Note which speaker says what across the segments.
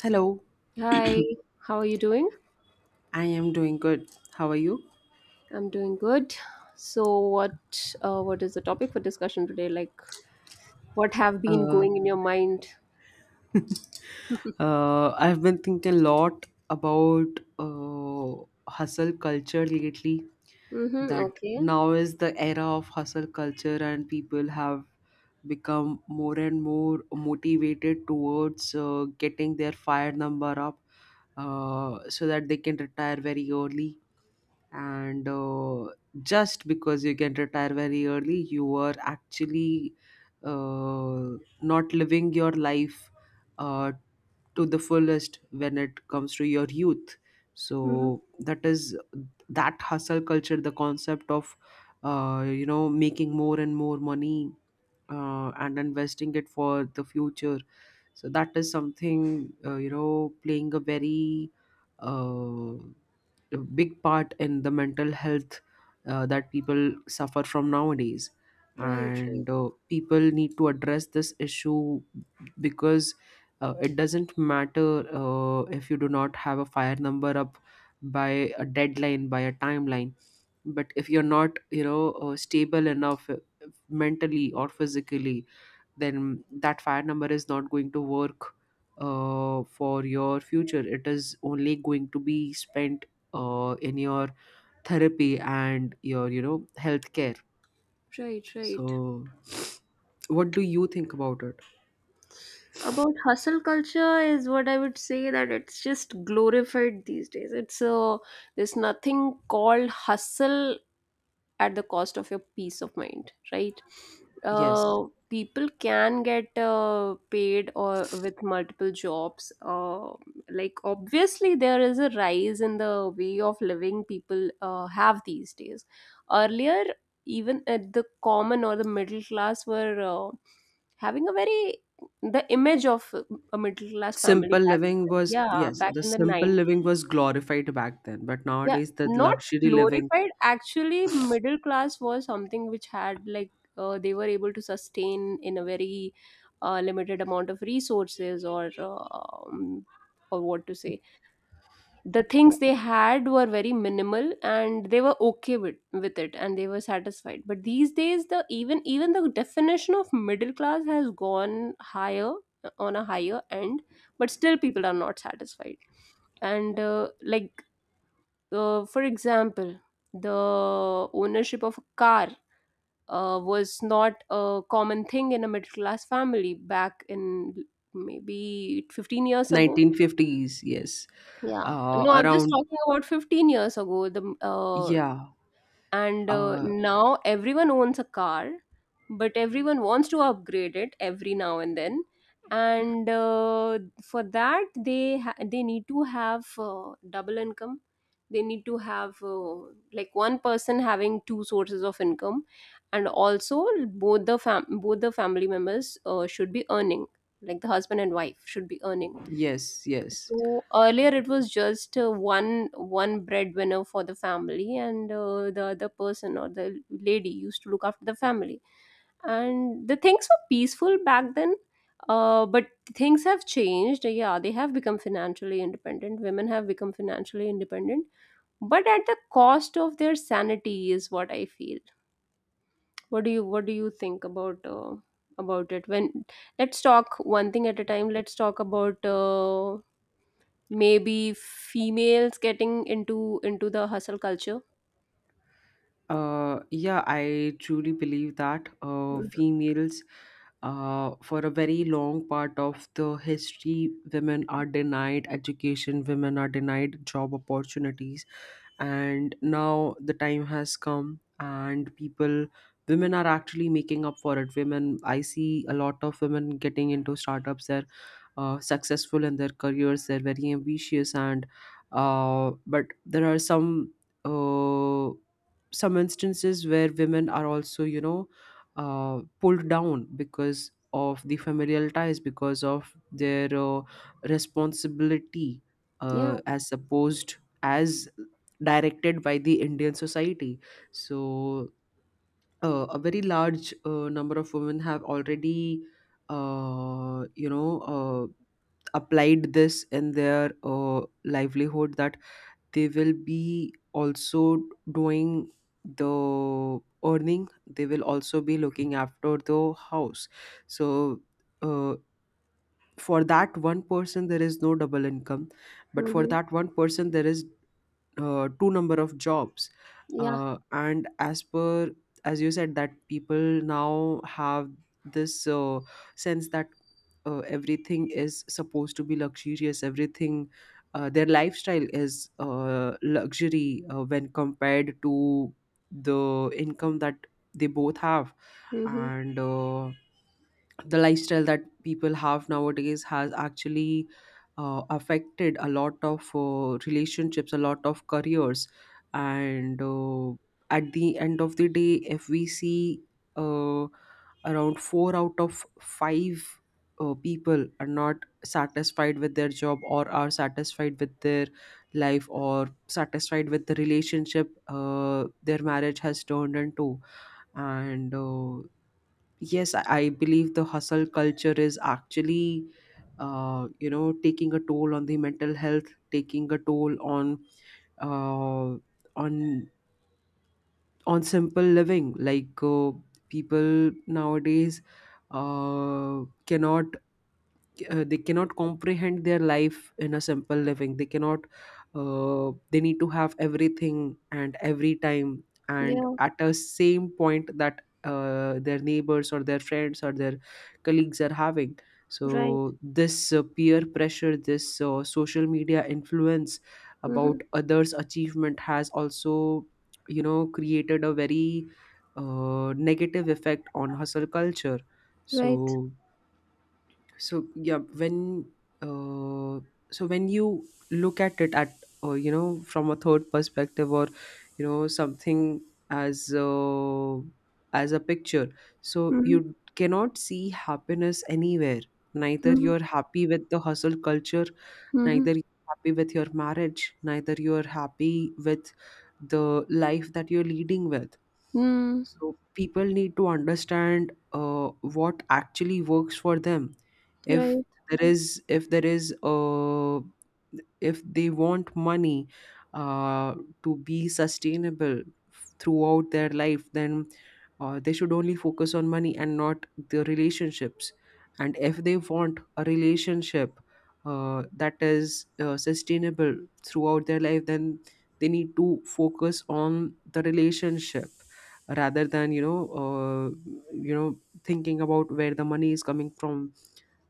Speaker 1: Hello,
Speaker 2: Hi, how are you doing?
Speaker 1: I am doing good. How are you?
Speaker 2: I'm doing good. So what is the topic for discussion today? Like what have been
Speaker 1: Uh,
Speaker 2: going in your mind?
Speaker 1: I've been thinking a lot about hustle culture lately.
Speaker 2: Mm-hmm,
Speaker 1: That
Speaker 2: okay.
Speaker 1: now is the era of hustle culture, and people have become more and more motivated towards getting their fire number up so that they can retire very early, and just because you can retire very early you are actually uh, not living your life uh, to the fullest when it comes to your youth,
Speaker 2: Mm-hmm.
Speaker 1: so that is that hustle culture, the concept of you know making more and more money and investing it for the future. So that is something, you know, playing a very uh, a big part in the mental health that people suffer from nowadays,
Speaker 2: Right, right,
Speaker 1: and people need to address this issue because it doesn't matter if you do not have a fire number up by a deadline, by a timeline. But if you're not, you know, stable enough, mentally or physically, then that fire number is not going to work for your future. It is only going to be spent in your therapy and your, you know, healthcare.
Speaker 2: right, right.
Speaker 1: So what do you think about it?
Speaker 2: About hustle culture is what I would say that it's just glorified these days. It's there's nothing called hustle at the cost of your peace of mind, right?
Speaker 1: Yes,
Speaker 2: uh, People can get paid or with multiple jobs, like obviously there is a rise in the way of living people have these days. Earlier, even at the common or the middle class were having a very the image of a middle class family
Speaker 1: simple
Speaker 2: back in
Speaker 1: living
Speaker 2: the,
Speaker 1: was
Speaker 2: yeah
Speaker 1: yes,
Speaker 2: back
Speaker 1: the
Speaker 2: in the
Speaker 1: simple
Speaker 2: 90s.
Speaker 1: living was glorified back then, but
Speaker 2: Yeah,
Speaker 1: nowadays the
Speaker 2: not
Speaker 1: luxury living.
Speaker 2: glorified. Actually middle class was something which had like they were able to sustain in a very limited amount of resources, or what to say, the things they had were very minimal and they were okay with it, and they were satisfied. But these days, the even the definition of middle class has gone higher on a higher end, but still people are not satisfied. And like for example, the ownership of a car was not a common thing in a middle class family back in maybe 15 years ago.
Speaker 1: 1950s, yes.
Speaker 2: Yeah, no, I'm just
Speaker 1: Around.
Speaker 2: talking about 15 years ago. The
Speaker 1: Yeah.
Speaker 2: And
Speaker 1: uh,
Speaker 2: now everyone owns a car, but everyone wants to upgrade it every now and then. And for that they need to have double income. They need to have like one person having two sources of income, and also both the family members should be earning, like the husband and wife should be earning.
Speaker 1: yes, yes.
Speaker 2: So earlier it was just uh, one breadwinner for the family, and the other person or the lady used to look after the family. And the things were peaceful back then, but things have changed. Yeah, they have become financially independent. Women have become financially independent, but at the cost of their sanity is what I feel. What do you think about it? When, let's talk one thing at a time. Let's talk about maybe females getting into the hustle culture.
Speaker 1: Yeah, I truly believe that
Speaker 2: Mhm.
Speaker 1: females, for a very long part of the history, women are denied education, women are denied job opportunities, and now the time has come, and women are actually making up for it. Women, I see a lot of women getting into startups. They're successful in their careers. They're very ambitious, and but there are some. Uh, some instances where women are also, you know, pulled down because of the familial ties, because of their responsibility
Speaker 2: Yeah.
Speaker 1: as supposed, as directed by the indian society. So a very large number of women have already you know applied this in their livelihood, that they will be also doing the earning, they will also be looking after the house. So uh, for that one person there is no double income, but for
Speaker 2: Mhm.
Speaker 1: that one person there is two number of jobs.
Speaker 2: Yeah.
Speaker 1: And as per, as you said, that people now have this sense that everything is supposed to be luxurious, everything, their lifestyle is luxury when compared to the income that they both have.
Speaker 2: Mhm.
Speaker 1: And the lifestyle that people have nowadays has actually affected a lot of relationships, a lot of careers. And at the end of the day, if we see, uh, around four out of five people are not satisfied with their job, or are satisfied with their life, or satisfied with the relationship their marriage has turned into. And yes, I believe the hustle culture is actually, you know, taking a toll on the mental health, taking a toll uh, on on simple living. Like people nowadays cannot, they cannot comprehend their life in a simple living. They cannot they need to have everything and every time and
Speaker 2: Yeah.
Speaker 1: at a same point that their neighbors or their friends or their colleagues are having.
Speaker 2: Right.
Speaker 1: So this peer pressure, this social media influence about
Speaker 2: Mhm.
Speaker 1: others achievement has also, you know, created a very negative effect on hustle culture.
Speaker 2: Right.
Speaker 1: So so yeah, when uh, so when you look at it at you know, from a third perspective, or you know, something as uh, as a picture, so
Speaker 2: Mhm.
Speaker 1: you cannot see happiness anywhere. Neither
Speaker 2: Mhm.
Speaker 1: you're happy with the hustle culture, neither
Speaker 2: Mhm.
Speaker 1: you're happy with your marriage, neither you're happy with the life that you're leading with.
Speaker 2: Mm.
Speaker 1: So people need to understand what actually works for them. if
Speaker 2: Right.
Speaker 1: if there is if they want money uh, to be sustainable throughout their life, then they should only focus on money and not the relationships. And if they want a relationship that is sustainable throughout their life, then they need to focus on the relationship rather than, you know, uh, you know, thinking about where the money is coming from,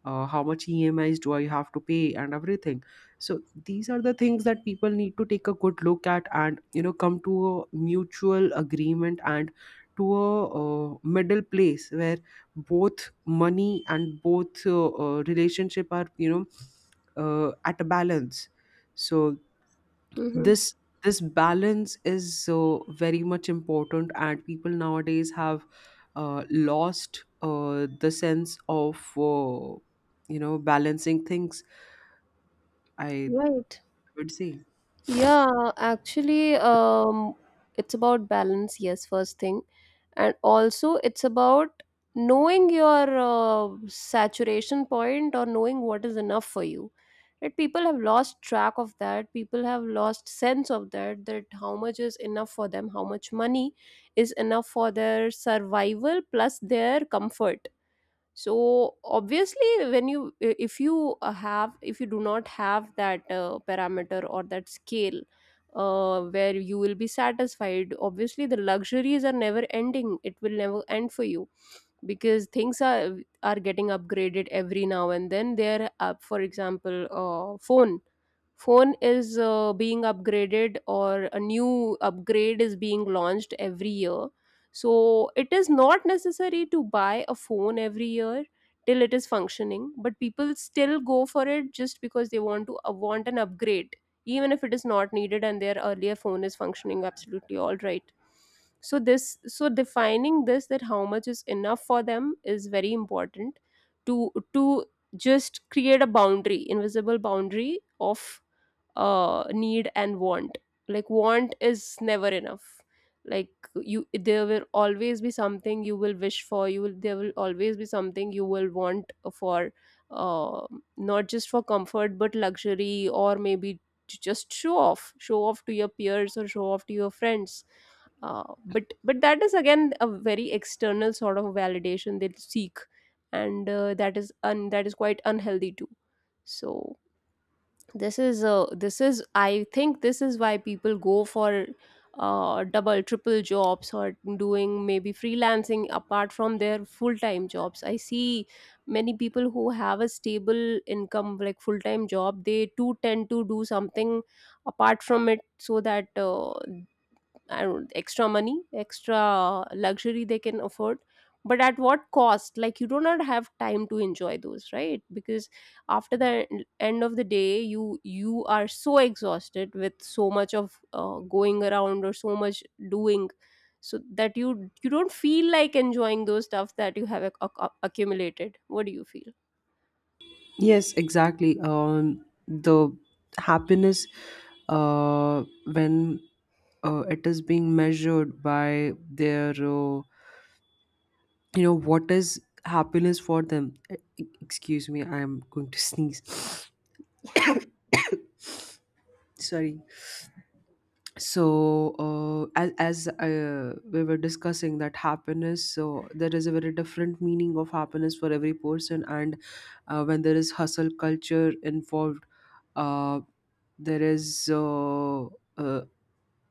Speaker 1: how much emis do I have to pay and everything. So these are the things that people need to take a good look at, and you know, come to a mutual agreement, and to a middle place where both money and both relationship are, you know, at a balance. So
Speaker 2: Mhm.
Speaker 1: this this balance is so very much important, and people nowadays have lost the sense of you know, balancing things, I
Speaker 2: Right.
Speaker 1: would say.
Speaker 2: Yeah. It's about balance. Yes. First thing. And also it's about knowing your saturation point, or knowing what is enough for you, right? People have lost track of that. People have lost sense of that, that how much is enough for them, how much money is enough for their survival plus their comfort. So obviously when you, if you have, if you do not have that parameter or that scale where you will be satisfied, obviously the luxuries are never ending. It will never end for you, because things are getting upgraded every now and then. They're up, for example, uh, phone is being upgraded, or a new upgrade is being launched every year. So it is not necessary to buy a phone every year till it is functioning, but people still go for it just because they want to want an upgrade, even if it is not needed and their earlier phone is functioning absolutely all right. So this, so defining this, that how much is enough for them, is very important to just create a boundary, invisible boundary of need and want. Like want is never enough. Like you, there will always be something you will wish for. You will, there will always be something you will want for, uh, not just for comfort but luxury, or maybe to just show off to your peers, or show off to your friends. But that is again a very external sort of validation they seek. And that is that is quite unhealthy too. So this is, this is, I think this is why people go for double triple jobs, or doing maybe freelancing apart from their full-time jobs. I see many people who have a stable income, like full-time job, they too tend to do something apart from it, so that I don't, extra money, extra luxury they can afford. But at what cost? Like you do not have time to enjoy those, right? Because after the end of the day, you are so exhausted with so much of going around, or so much doing, so that you don't feel like enjoying those stuff that you have accumulated. What do you feel?
Speaker 1: Yes, exactly. Um, the happiness uh when it is being measured by their you know, what is happiness for them. Excuse me, I am going to sneeze. Sorry. So as we were discussing that happiness, so there is a very different meaning of happiness for every person. And when there is hustle culture involved, uh, there is a,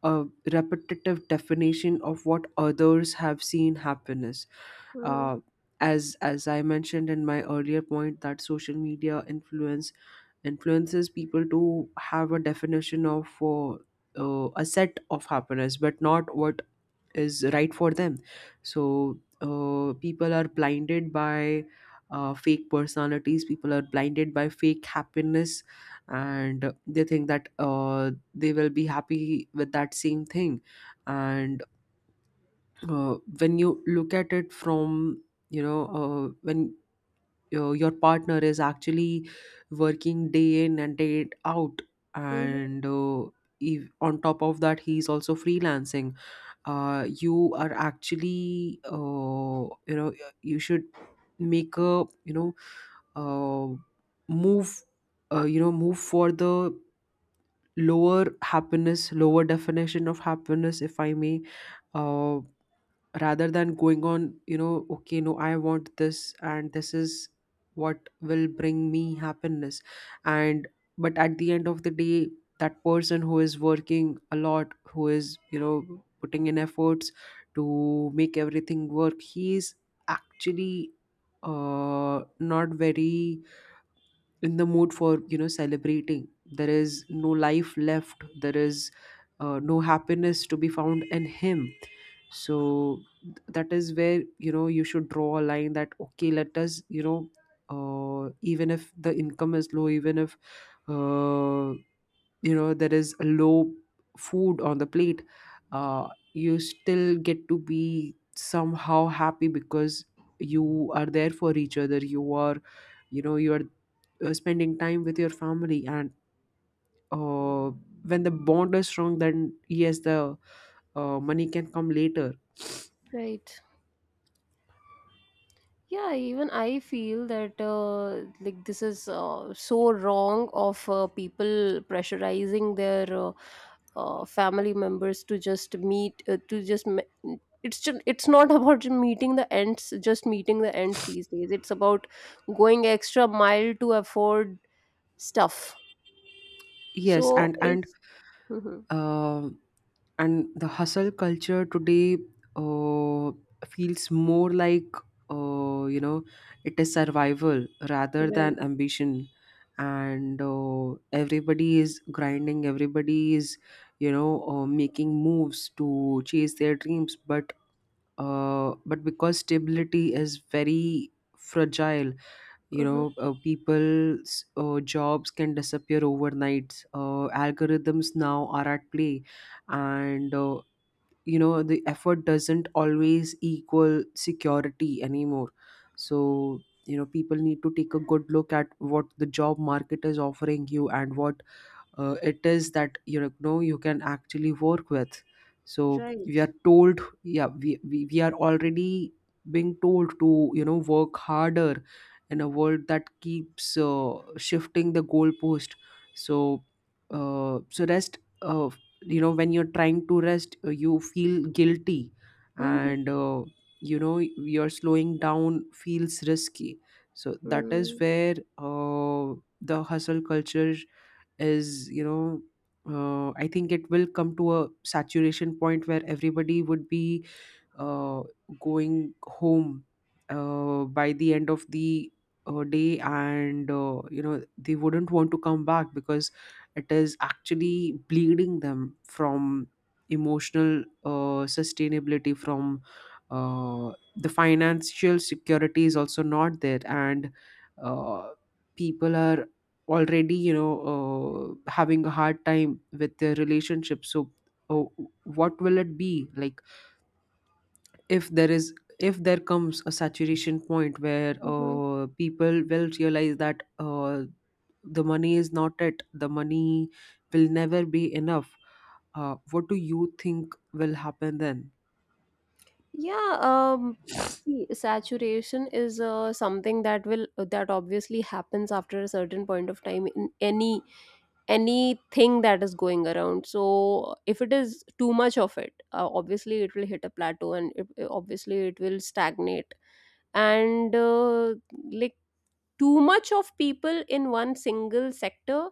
Speaker 1: a repetitive definition of what others have seen happiness. uh, as as I mentioned in my earlier point, that social media influence influences people to have a definition of a set of happiness, but not what is right for them. So people are blinded by fake personalities, people are blinded by fake happiness, and they think that they will be happy with that same thing. And when you look at it from, you know, when your partner is actually working day in and day out,
Speaker 2: Mm-hmm.
Speaker 1: and if on top of that he's also freelancing, you are actually, you know, you should make a, you know, uh, move, you know, move for the lower happiness, lower definition of happiness if I may. uh, Rather than going on, you know, okay, no, I want this, and this is what will bring me happiness. And but at the end of the day, that person who is working a lot, who is, you know, putting in efforts to make everything work, he's actually not very in the mood for, you know, celebrating. There is no life left, there is no happiness to be found in him. So that is where, you know, you should draw a line that okay, let us, you know, even if the income is low, even if uh, you know, there is a low food on the plate, you still get to be somehow happy because you are there for each other, you are, you know, you are spending time with your family. And uh, when the bond is strong, then yes, the money can come later.
Speaker 2: Right. Yeah, even I feel that like this is so wrong of people pressurizing their family members to just meet uh, it's just, it's not about meeting the ends. Just meeting the ends these days, it's about going extra mile to afford stuff.
Speaker 1: Yes,
Speaker 2: So
Speaker 1: and
Speaker 2: it's, hmm.
Speaker 1: uh, and the hustle culture today uh, feels more like, you know, it is survival rather
Speaker 2: Right.
Speaker 1: than ambition. And everybody is grinding, everybody is, you know, making moves to chase their dreams. But but because stability is very fragile, you
Speaker 2: Hmm.
Speaker 1: know, people's jobs can disappear overnight, algorithms now are at play. And you know, the effort doesn't always equal security anymore. So you know, people need to take a good look at what the job market is offering you, and what it is that, you know, no, you can actually work with. So we
Speaker 2: Right.
Speaker 1: are told, yeah, we are already being told to, you know, work harder, in a world that keeps shifting the goalpost. So so rest, you know, when you're trying to rest, you feel guilty.
Speaker 2: Hmm.
Speaker 1: And you know, you're slowing down feels risky. So that is where the hustle culture is, you know, I think it will come to a saturation point where everybody would be uh, going home by the end of the day. And you know, they wouldn't want to come back because it is actually bleeding them from emotional sustainability, from uh, the financial security is also not there, and uh, people are already, you know, having a hard time with their relationship. So uh, what will it be like if there is, if there comes a saturation point where
Speaker 2: Hmm.
Speaker 1: people will realize that the money is not it, the money will never be enough. What do you think will happen then?
Speaker 2: Yeah, um, See, saturation is something that will that obviously happens after a certain point of time in anything that is going around. So if it is too much of it, obviously it will hit a plateau, and it, obviously it will stagnate. And like too much of people in one single sector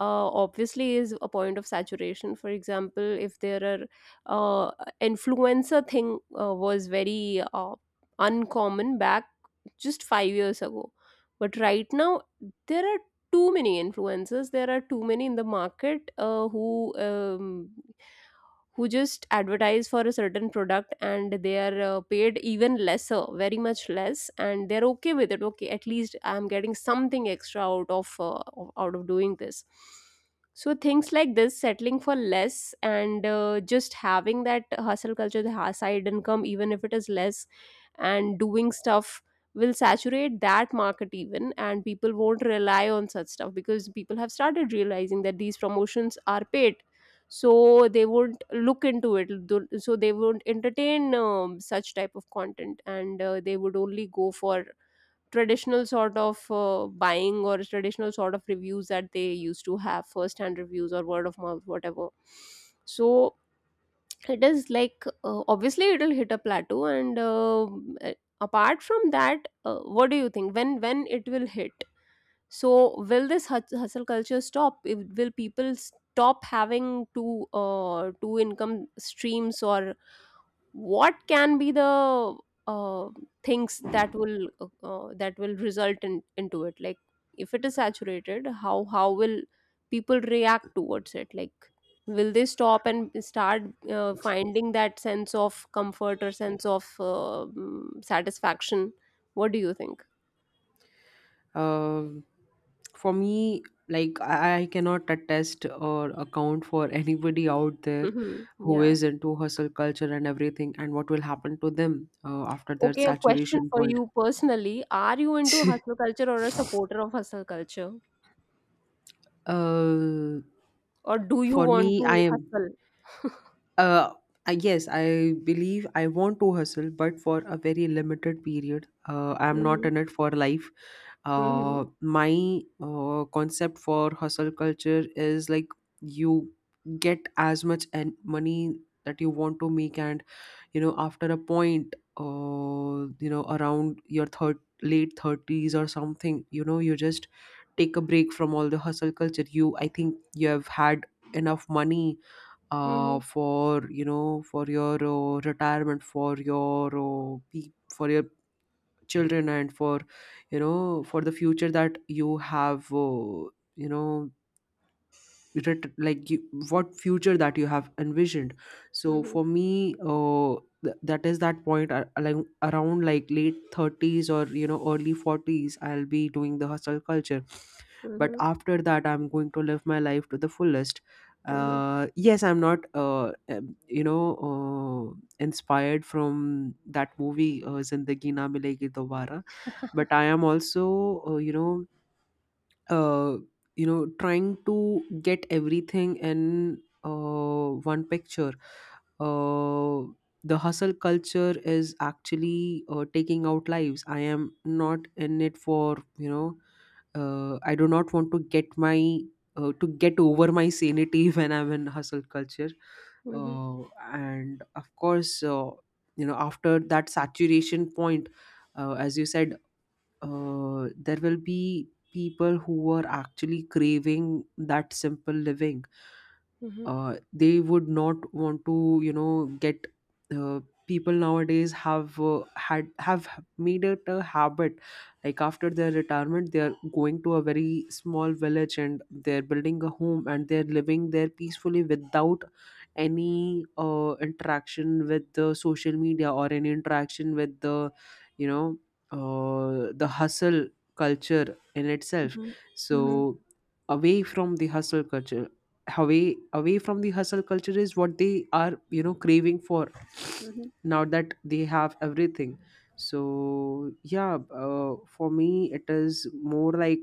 Speaker 2: obviously is a point of saturation. For example, if there are uh, influencer thing was very uncommon back just 5 years ago, but right now there are too many influencers. There are too many in the market, um, who just advertise for a certain product, and they are paid even lesser, very much less, and they're okay with it. Okay, at least I'm getting something extra out of doing this. So things like this, settling for less, and just having that hustle culture, the side income, even if it is less and doing stuff, will saturate that market even, and people won't rely on such stuff, because people have started realizing that these promotions are paid. So they won't look into it. So they won't entertain such type of content, and they would only go for traditional sort of buying, or traditional sort of reviews that they used to have, first hand reviews, or word of mouth, whatever. So it is like obviously it'll hit a plateau. And apart from that, what do you think when it will hit? So will this hustle culture stop? If, will people stop having two income streams, or what can be the uh, things that will result in, into it? Like, if it is saturated, how will people react towards it? Like, will they stop and start finding that sense of comfort, or sense of satisfaction? What do you think?
Speaker 1: Um, for me, like I cannot attest or account for anybody out there
Speaker 2: Hmm.
Speaker 1: who
Speaker 2: Yeah.
Speaker 1: is into hustle culture and everything and what will happen to them after their
Speaker 2: Okay, a question
Speaker 1: saturation
Speaker 2: for
Speaker 1: point.
Speaker 2: you personally. Are you into hustle culture, or a supporter of hustle culture?
Speaker 1: Uh,
Speaker 2: Or do you
Speaker 1: for
Speaker 2: want
Speaker 1: me, I
Speaker 2: to
Speaker 1: am.
Speaker 2: hustle?
Speaker 1: Uh, yes, I believe I want to hustle, but for a very limited period. I'm not
Speaker 2: Mm-hmm.
Speaker 1: in it for life.
Speaker 2: Mm-hmm.
Speaker 1: My concept for hustle culture is like you get as much and money that you want to make, and after a point, around your third late 30s or something, you just take a break from all the hustle culture. You I think you have had enough money,
Speaker 2: Mm-hmm.
Speaker 1: for for your retirement, for your for your children, and for for the future that you have, you know like what future that you have envisioned. So for me, that is that point, like around like late 30s or early 40s, I'll be doing the hustle culture. But
Speaker 2: Mm-hmm.
Speaker 1: after that, I'm going to live my life to the fullest.
Speaker 2: Mm-hmm. Mm-hmm.
Speaker 1: Yes, I'm not inspired from that movie, Zindagi Na Milegi Dobara. But I am also uh, you know uh, trying to get everything in one picture. uh, the hustle culture is actually taking out lives. I am not in it for I do not want to get my to get over my sanity when I'm in hustle culture.
Speaker 2: Mm-hmm.
Speaker 1: uh, and of course, after that saturation point, as you said, there will be people who are actually craving that simple living.
Speaker 2: Mm-hmm. Mm-hmm.
Speaker 1: They would not want to get, uh, people nowadays have had have made it a habit. Like after their retirement, they are going to a very small village, and they're building a home, and they're living there peacefully, without any interaction with the social media or any interaction with the you know the hustle culture in itself.
Speaker 2: Mm-hmm.
Speaker 1: So, away from the hustle culture, away from the hustle culture is what they are craving for, now that they have everything. So yeah, for me, it is more like,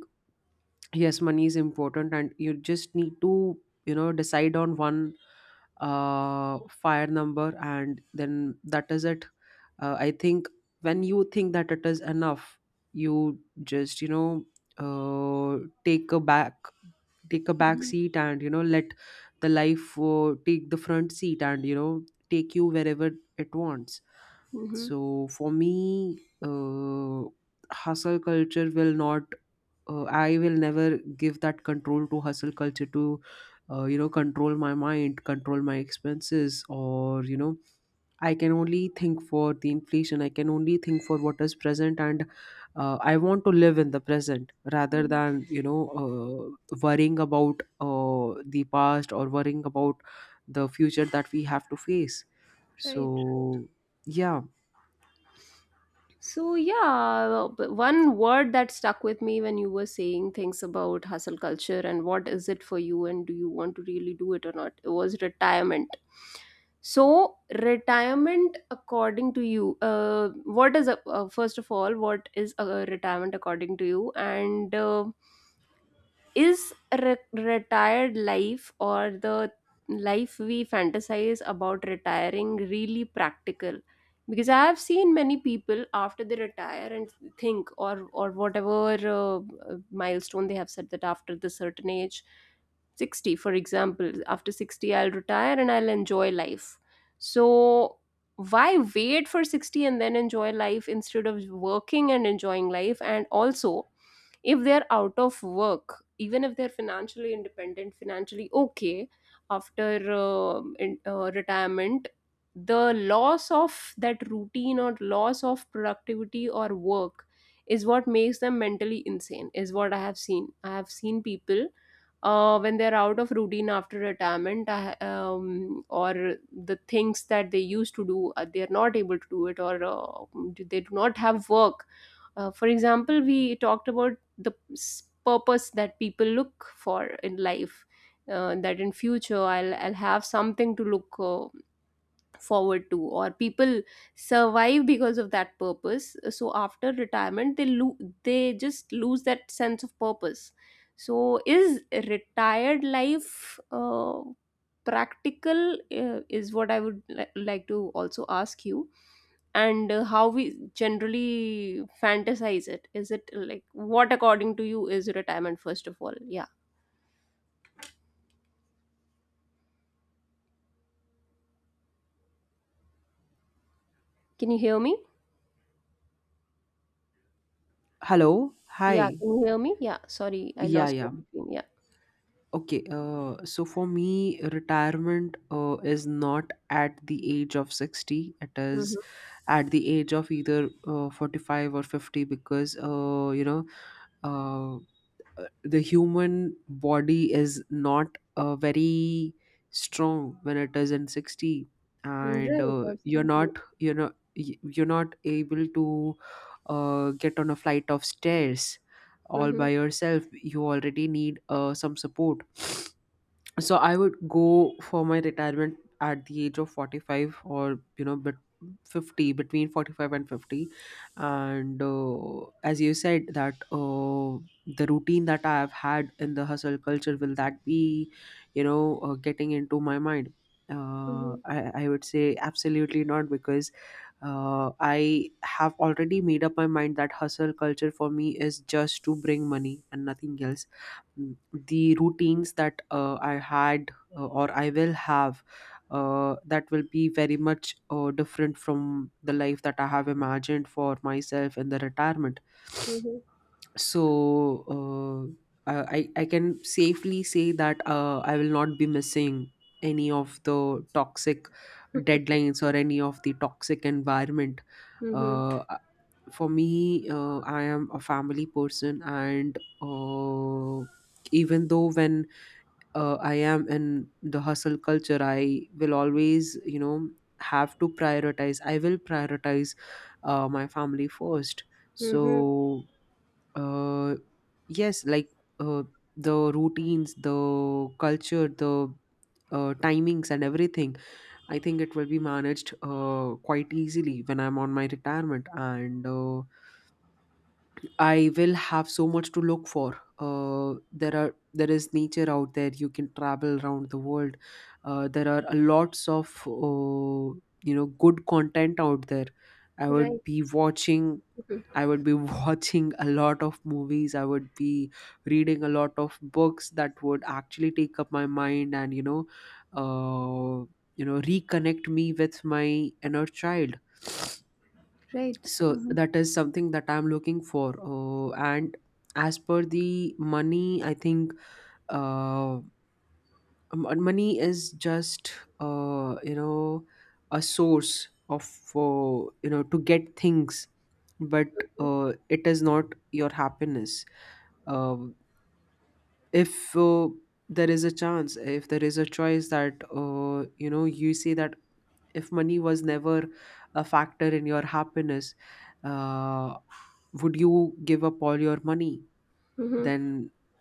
Speaker 1: yes, money is important and you just need to decide on one fire number, and then that is it. I think when you think that it is enough, you just uh take a back take a back
Speaker 2: Mm-hmm.
Speaker 1: seat, and let the life take the front seat, and take you wherever it wants.
Speaker 2: Mm-hmm.
Speaker 1: So for me, hustle culture will not I will never give that control to hustle culture, to control my mind, control my expenses, or, I can only think for the inflation. I can only think for what is present, and I want to live in the present rather
Speaker 2: Mm-hmm.
Speaker 1: than worrying about the past or worrying about the future that we have to face.
Speaker 2: Right. Right.
Speaker 1: So yeah,
Speaker 2: So yeah, but one word that stuck with me when you were saying things about hustle culture, and what is it for you, and do you want to really do it or not, it was retirement. So retirement, according to you, what is a, first of all, what is a retirement according to you, and is retired life, or the life we fantasize about retiring, really practical? Because I have seen many people after they retire and think, or whatever milestone they have said that after the certain age, 60, for example, after 60 I'll retire and I'll enjoy life. So why wait for 60 and then enjoy life, instead of working and enjoying life? And also if they're out of work, even if they're financially independent, financially okay, after in, retirement, the loss of that routine, or loss of productivity or work, is what makes them mentally insane, is what I have seen. I have seen people when they're out of routine after retirement. Or the things that they used to do, they're not able to do it, or they do not have work. For example, we talked about the purpose that people look for in life, that in future I'll have something to look forward to, or people survive because of that purpose. So after retirement they they just lose that sense of purpose. So is retired life practical, is what I would like to also ask you. And how we generally fantasize it, is it like what, according to you, is retirement first of all? Yeah, can you hear me?
Speaker 1: hello,
Speaker 2: Yeah,
Speaker 1: hi,
Speaker 2: can you hear me? Yeah, sorry, I
Speaker 1: yeah,
Speaker 2: lost you
Speaker 1: yeah.
Speaker 2: in between. Yeah.
Speaker 1: Okay, so for me, retirement is not at the age of 60. It
Speaker 2: Mm-hmm.
Speaker 1: is at the age of either 45 or 50, because uh, the human body is not very strong when it is in 60.
Speaker 2: Mm-hmm.
Speaker 1: And
Speaker 2: Right,
Speaker 1: you're not,
Speaker 2: absolutely.
Speaker 1: you're not able to get on a flight of stairs all
Speaker 2: Mm-hmm.
Speaker 1: by yourself. You already need some support. So I would go for my retirement at the age of 45, or but 50, between 45 and 50. And as you said that the routine that I have had in the hustle culture, will that be getting into my mind? uh,
Speaker 2: Mm-hmm.
Speaker 1: I, I would say absolutely not, because I have already made up my mind that hustle culture for me is just to bring money and nothing else. The routines that I had or I will have, that will be very much different from the life that I have imagined for myself in the retirement.
Speaker 2: Mm-hmm.
Speaker 1: So, I can safely say that I will not be missing any of the toxic deadlines or any of the toxic environment.
Speaker 2: Mm-hmm.
Speaker 1: Uh, uh, for me, I am a family person, and even though when I am in the hustle culture, I will always have to prioritize. I will prioritize my family first.
Speaker 2: Mm-hmm.
Speaker 1: So, uh, yes, like, uh, the routines, the culture, the timings, and everything. I think it will be managed quite easily when I'm on my retirement, and I will have so much to look for. There is nature out there. You can travel around the world. There are a lots of good content out there. I
Speaker 2: Right.
Speaker 1: would be watching
Speaker 2: Mhm.
Speaker 1: I would be watching a lot of movies. I would be reading a lot of books that would actually take up my mind and, uh, reconnect me with my inner child.
Speaker 2: Right.
Speaker 1: So
Speaker 2: Mm-hmm.
Speaker 1: that is something that I'm looking for. And as per the money, I think uh, money is just uh, you know a source of, uh, to get things, but it is not your happiness. um, if there is a chance, if there is a choice that you say that, if money was never a factor in your happiness, uh, would you give up all your money?
Speaker 2: Mm-hmm.
Speaker 1: Then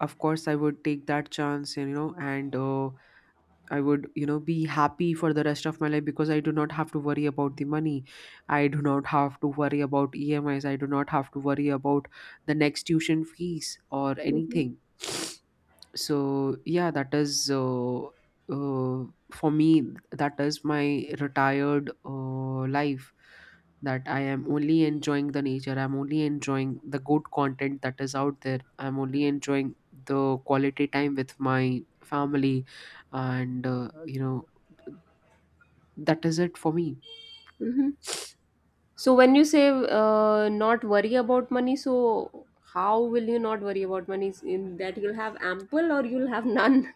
Speaker 1: of course I would take that chance, and I would be happy for the rest of my life, because I do not have to worry about the money. I do not have to worry about EMIs. I do not have to worry about the next tuition fees or
Speaker 2: Mm-hmm.
Speaker 1: anything. So yeah, that is uh, for me, that is my retired life, that I am only enjoying the nature, I'm only enjoying the good content that is out there, I'm only enjoying the quality time with my family. And that is it for me.
Speaker 2: Mm-hmm. So when you say not worry about money, so how will you not worry about money? Is in that you'll have ample, or you'll have none?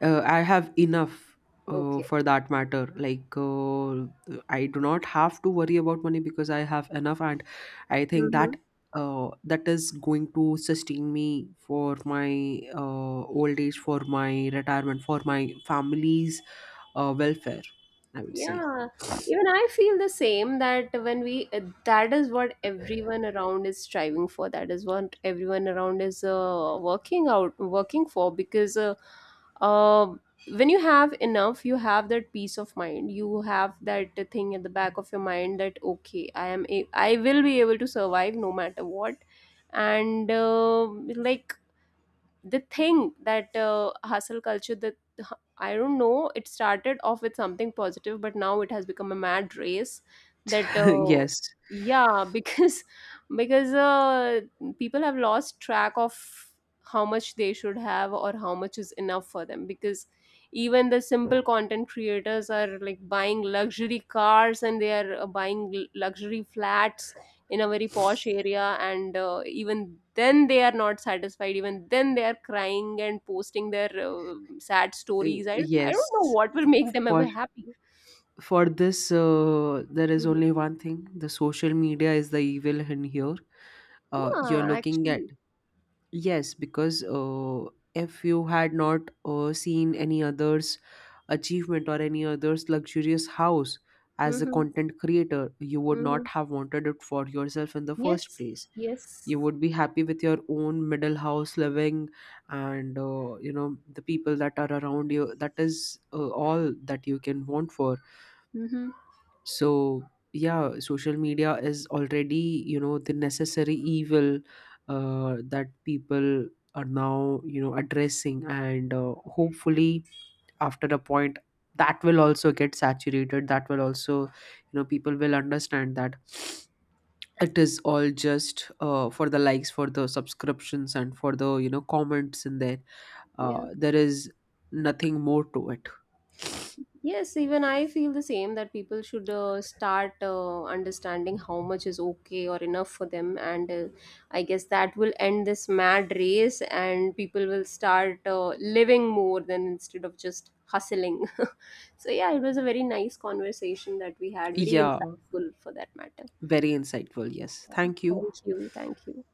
Speaker 1: I have enough
Speaker 2: Okay.
Speaker 1: for that matter. Like, I do not have to worry about money because I have enough, and I think
Speaker 2: Mm-hmm.
Speaker 1: that that is going to sustain me for my old age, for my retirement, for my family's welfare, I would say.
Speaker 2: Yeah, even I feel the same, that when we that is what everyone around is striving for. That is what everyone around is working out, working for, because uh, when you have enough, you have that peace of mind. You have that thing at the back of your mind that okay, I will be able to survive no matter what, and like they think that hustle culture, that I don't know, it started off with something positive, but now it has become a mad race, that
Speaker 1: Yes.
Speaker 2: yeah, because because people have lost track of how much they should have, or how much is enough for them. Because even the simple content creators are like buying luxury cars, and they are buying luxury flats in a very posh area, and even then they are not satisfied. Even then they are crying and posting their sad stories. I
Speaker 1: Yes.
Speaker 2: don't know what will make them
Speaker 1: For
Speaker 2: ever happy.
Speaker 1: for this, there is
Speaker 2: Mhm.
Speaker 1: only one thing: the social media is the evil in here. You're
Speaker 2: Yeah,
Speaker 1: looking at,
Speaker 2: actually.
Speaker 1: yes, because if you had not seen any other's achievement or any other's luxurious house as a
Speaker 2: Mm-hmm.
Speaker 1: content creator, you would not
Speaker 2: Mm-hmm.
Speaker 1: have wanted it for yourself in the first
Speaker 2: Yes,
Speaker 1: place.
Speaker 2: yes.
Speaker 1: You would be happy with your own middle house living and the people that are around you. That is all that you can want for.
Speaker 2: Mm-hmm.
Speaker 1: So yeah, social media is already, the necessary evil that people are now addressing, and hopefully after a point that will also get saturated. That will also, people will understand that it is all just for the likes, for the subscriptions, and for the comments in there.
Speaker 2: Yeah.
Speaker 1: There is nothing more to it.
Speaker 2: Yes, even I feel the same, that people should start understanding how much is okay or enough for them. And I guess that will end this mad race, and people will start living more than, instead of just hustling. So yeah, it was a very nice conversation that we had, very
Speaker 1: Yeah,
Speaker 2: insightful for that matter.
Speaker 1: very insightful. Yes,
Speaker 2: Yeah,
Speaker 1: thank you.
Speaker 2: thank you. Thank you.